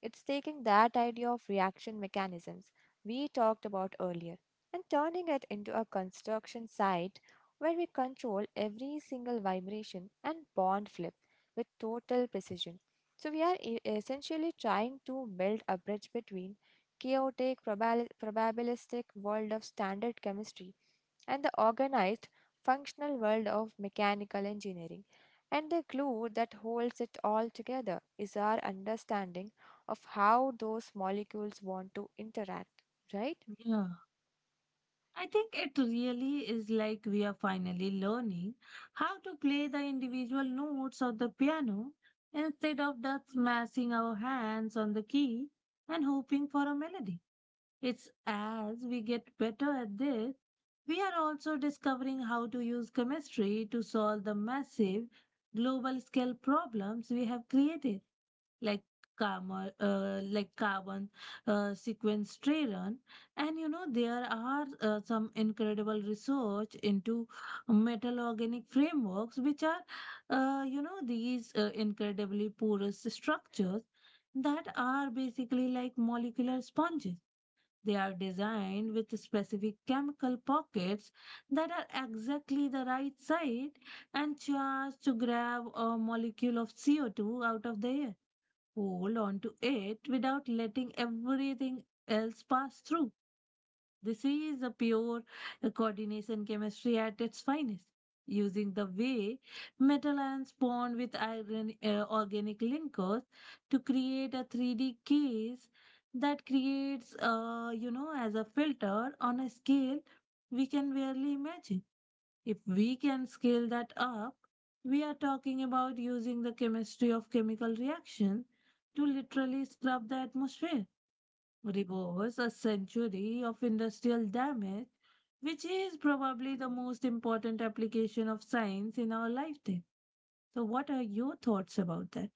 Speaker 1: It's taking that idea of reaction mechanisms we talked about earlier and turning it into a construction site where we control every single vibration and bond flip with total precision. So, we are essentially trying to build a bridge between chaotic probabilistic world of standard chemistry and the organized, functional world of mechanical engineering. And the glue that holds it all together is our understanding of how those molecules want to interact, right?
Speaker 2: Yeah. I think it really is like we are finally learning how to play the individual notes of the piano instead of just smashing our hands on the key and hoping for a melody. It's as we get better at this, we are also discovering how to use chemistry to solve the massive global scale problems we have created like like carbon sequestration, and you know there are some incredible research into metal organic frameworks, which are these incredibly porous structures that are basically like molecular sponges. They are designed with specific chemical pockets that are exactly the right size and charged to grab a molecule of CO2 out of the air hold on to it without letting everything else pass through. This is a pure coordination chemistry at its finest, using the way metal ions bond with iron organic linkers to create a 3D case that creates, as a filter on a scale we can barely imagine. If we can scale that up, we are talking about using the chemistry of chemical reaction to literally scrub the atmosphere, reverse a century of industrial damage, which is probably the most important application of science in our lifetime. So, what are your thoughts about that?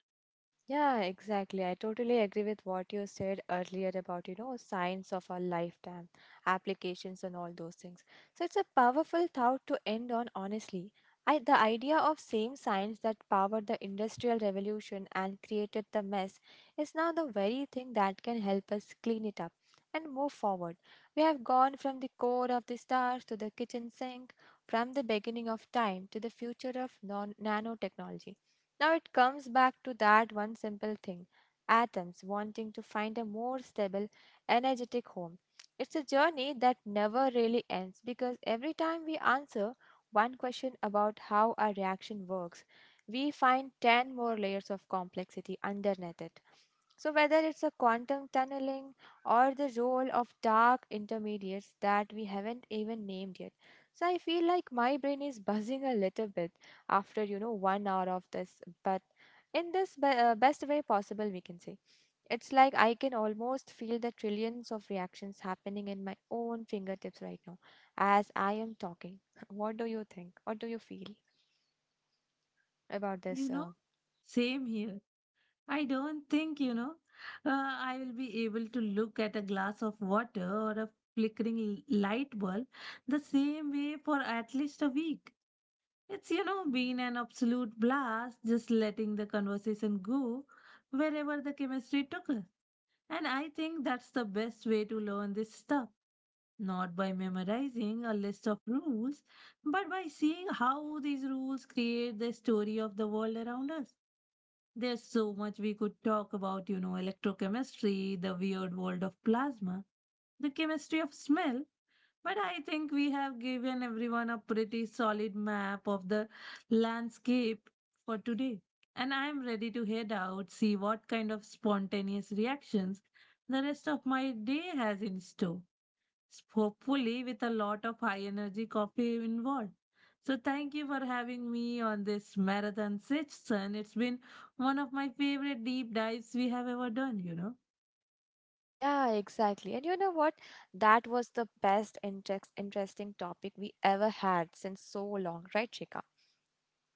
Speaker 1: Yeah, exactly. I totally agree with what you said earlier about signs of our lifetime, applications and all those things. So it's a powerful thought to end on, honestly. The idea of same science that powered the industrial revolution and created the mess is now the very thing that can help us clean it up and move forward. We have gone from the core of the stars to the kitchen sink, from the beginning of time to the future of nanotechnology. Now it comes back to that one simple thing, atoms wanting to find a more stable, energetic home. It's a journey that never really ends because every time we answer one question about how our reaction works, we find 10 more layers of complexity underneath it. So, whether it's a quantum tunneling or the role of dark intermediates that we haven't even named yet. So, I feel like my brain is [LAUGHS] buzzing a little bit after, 1 hour of this, but in this best way possible, we can say. It's like I can almost feel the trillions of reactions happening in my own fingertips right now as I am talking. [LAUGHS] What do you think? What do you feel about this?
Speaker 2: You know,
Speaker 1: Uh,
Speaker 2: same here. I don't think, I will be able to look at a glass of water or a flickering light bulb the same way for at least a week. It's been an absolute blast just letting the conversation go wherever the chemistry took us. And I think that's the best way to learn this stuff, not by memorizing a list of rules, but by seeing how these rules create the story of the world around us. There's so much we could talk about, electrochemistry, the weird world of plasma, the chemistry of smell, but I think we have given everyone a pretty solid map of the landscape for today. And I'm ready to head out, see what kind of spontaneous reactions the rest of my day has in store, hopefully with a lot of high energy coffee involved. So, thank you for having me on this marathon session. It's been one of my favorite deep dives we have ever done.
Speaker 1: yeah, exactly. And you know what? That was the best interesting topic we ever had since so long, right, Shika?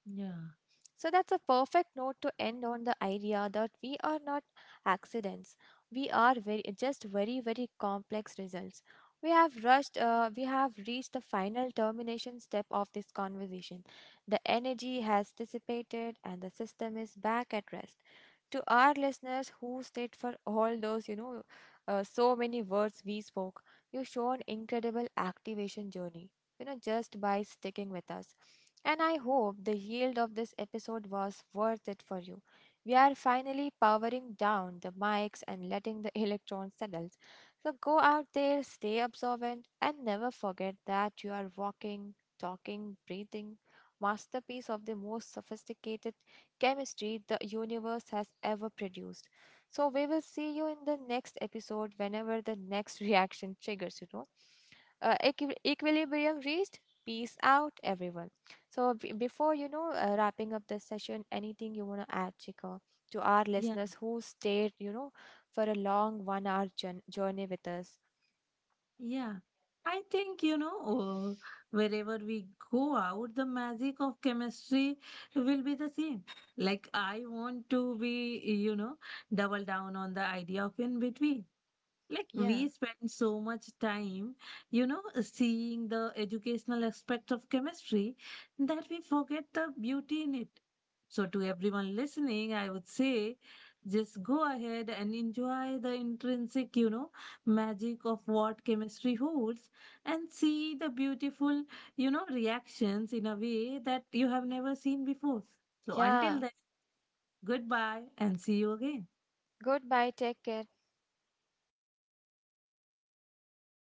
Speaker 2: Yeah.
Speaker 1: So that's a perfect note to end on, the idea that we are not accidents. We are very just very very complex results. We have rushed. We have reached the final termination step of this conversation. The energy has dissipated, and the system is back at rest. To our listeners who stayed for all those, so many words we spoke, you show an incredible activation journey, just by sticking with us. And I hope the yield of this episode was worth it for you. We are finally powering down the mics and letting the [LAUGHS] electrons settle. So go out there, stay observant, and never forget that you are walking, talking, breathing masterpiece of the most sophisticated chemistry the universe has ever produced. So we will see you in the next episode whenever the next [LAUGHS] reaction triggers, equilibrium reached. Peace out, everyone. So before wrapping up this session, anything you want to add, Chika, to our
Speaker 2: Yeah,
Speaker 1: listeners who stayed, for a long 1 hour journey with us?
Speaker 2: yeah. I think, wherever we go out, the magic of chemistry will be the same. Like, I want to be, double down on the idea of in between. Like
Speaker 1: Yeah,
Speaker 2: we spend so much time, seeing the educational aspect of chemistry that we forget the beauty in it. So, to everyone listening, I would say just go ahead and enjoy the intrinsic, magic of what chemistry holds and see the beautiful, reactions in a way that you have never seen before. So,
Speaker 1: yeah.
Speaker 2: until then, goodbye and see you again.
Speaker 1: Goodbye, take care.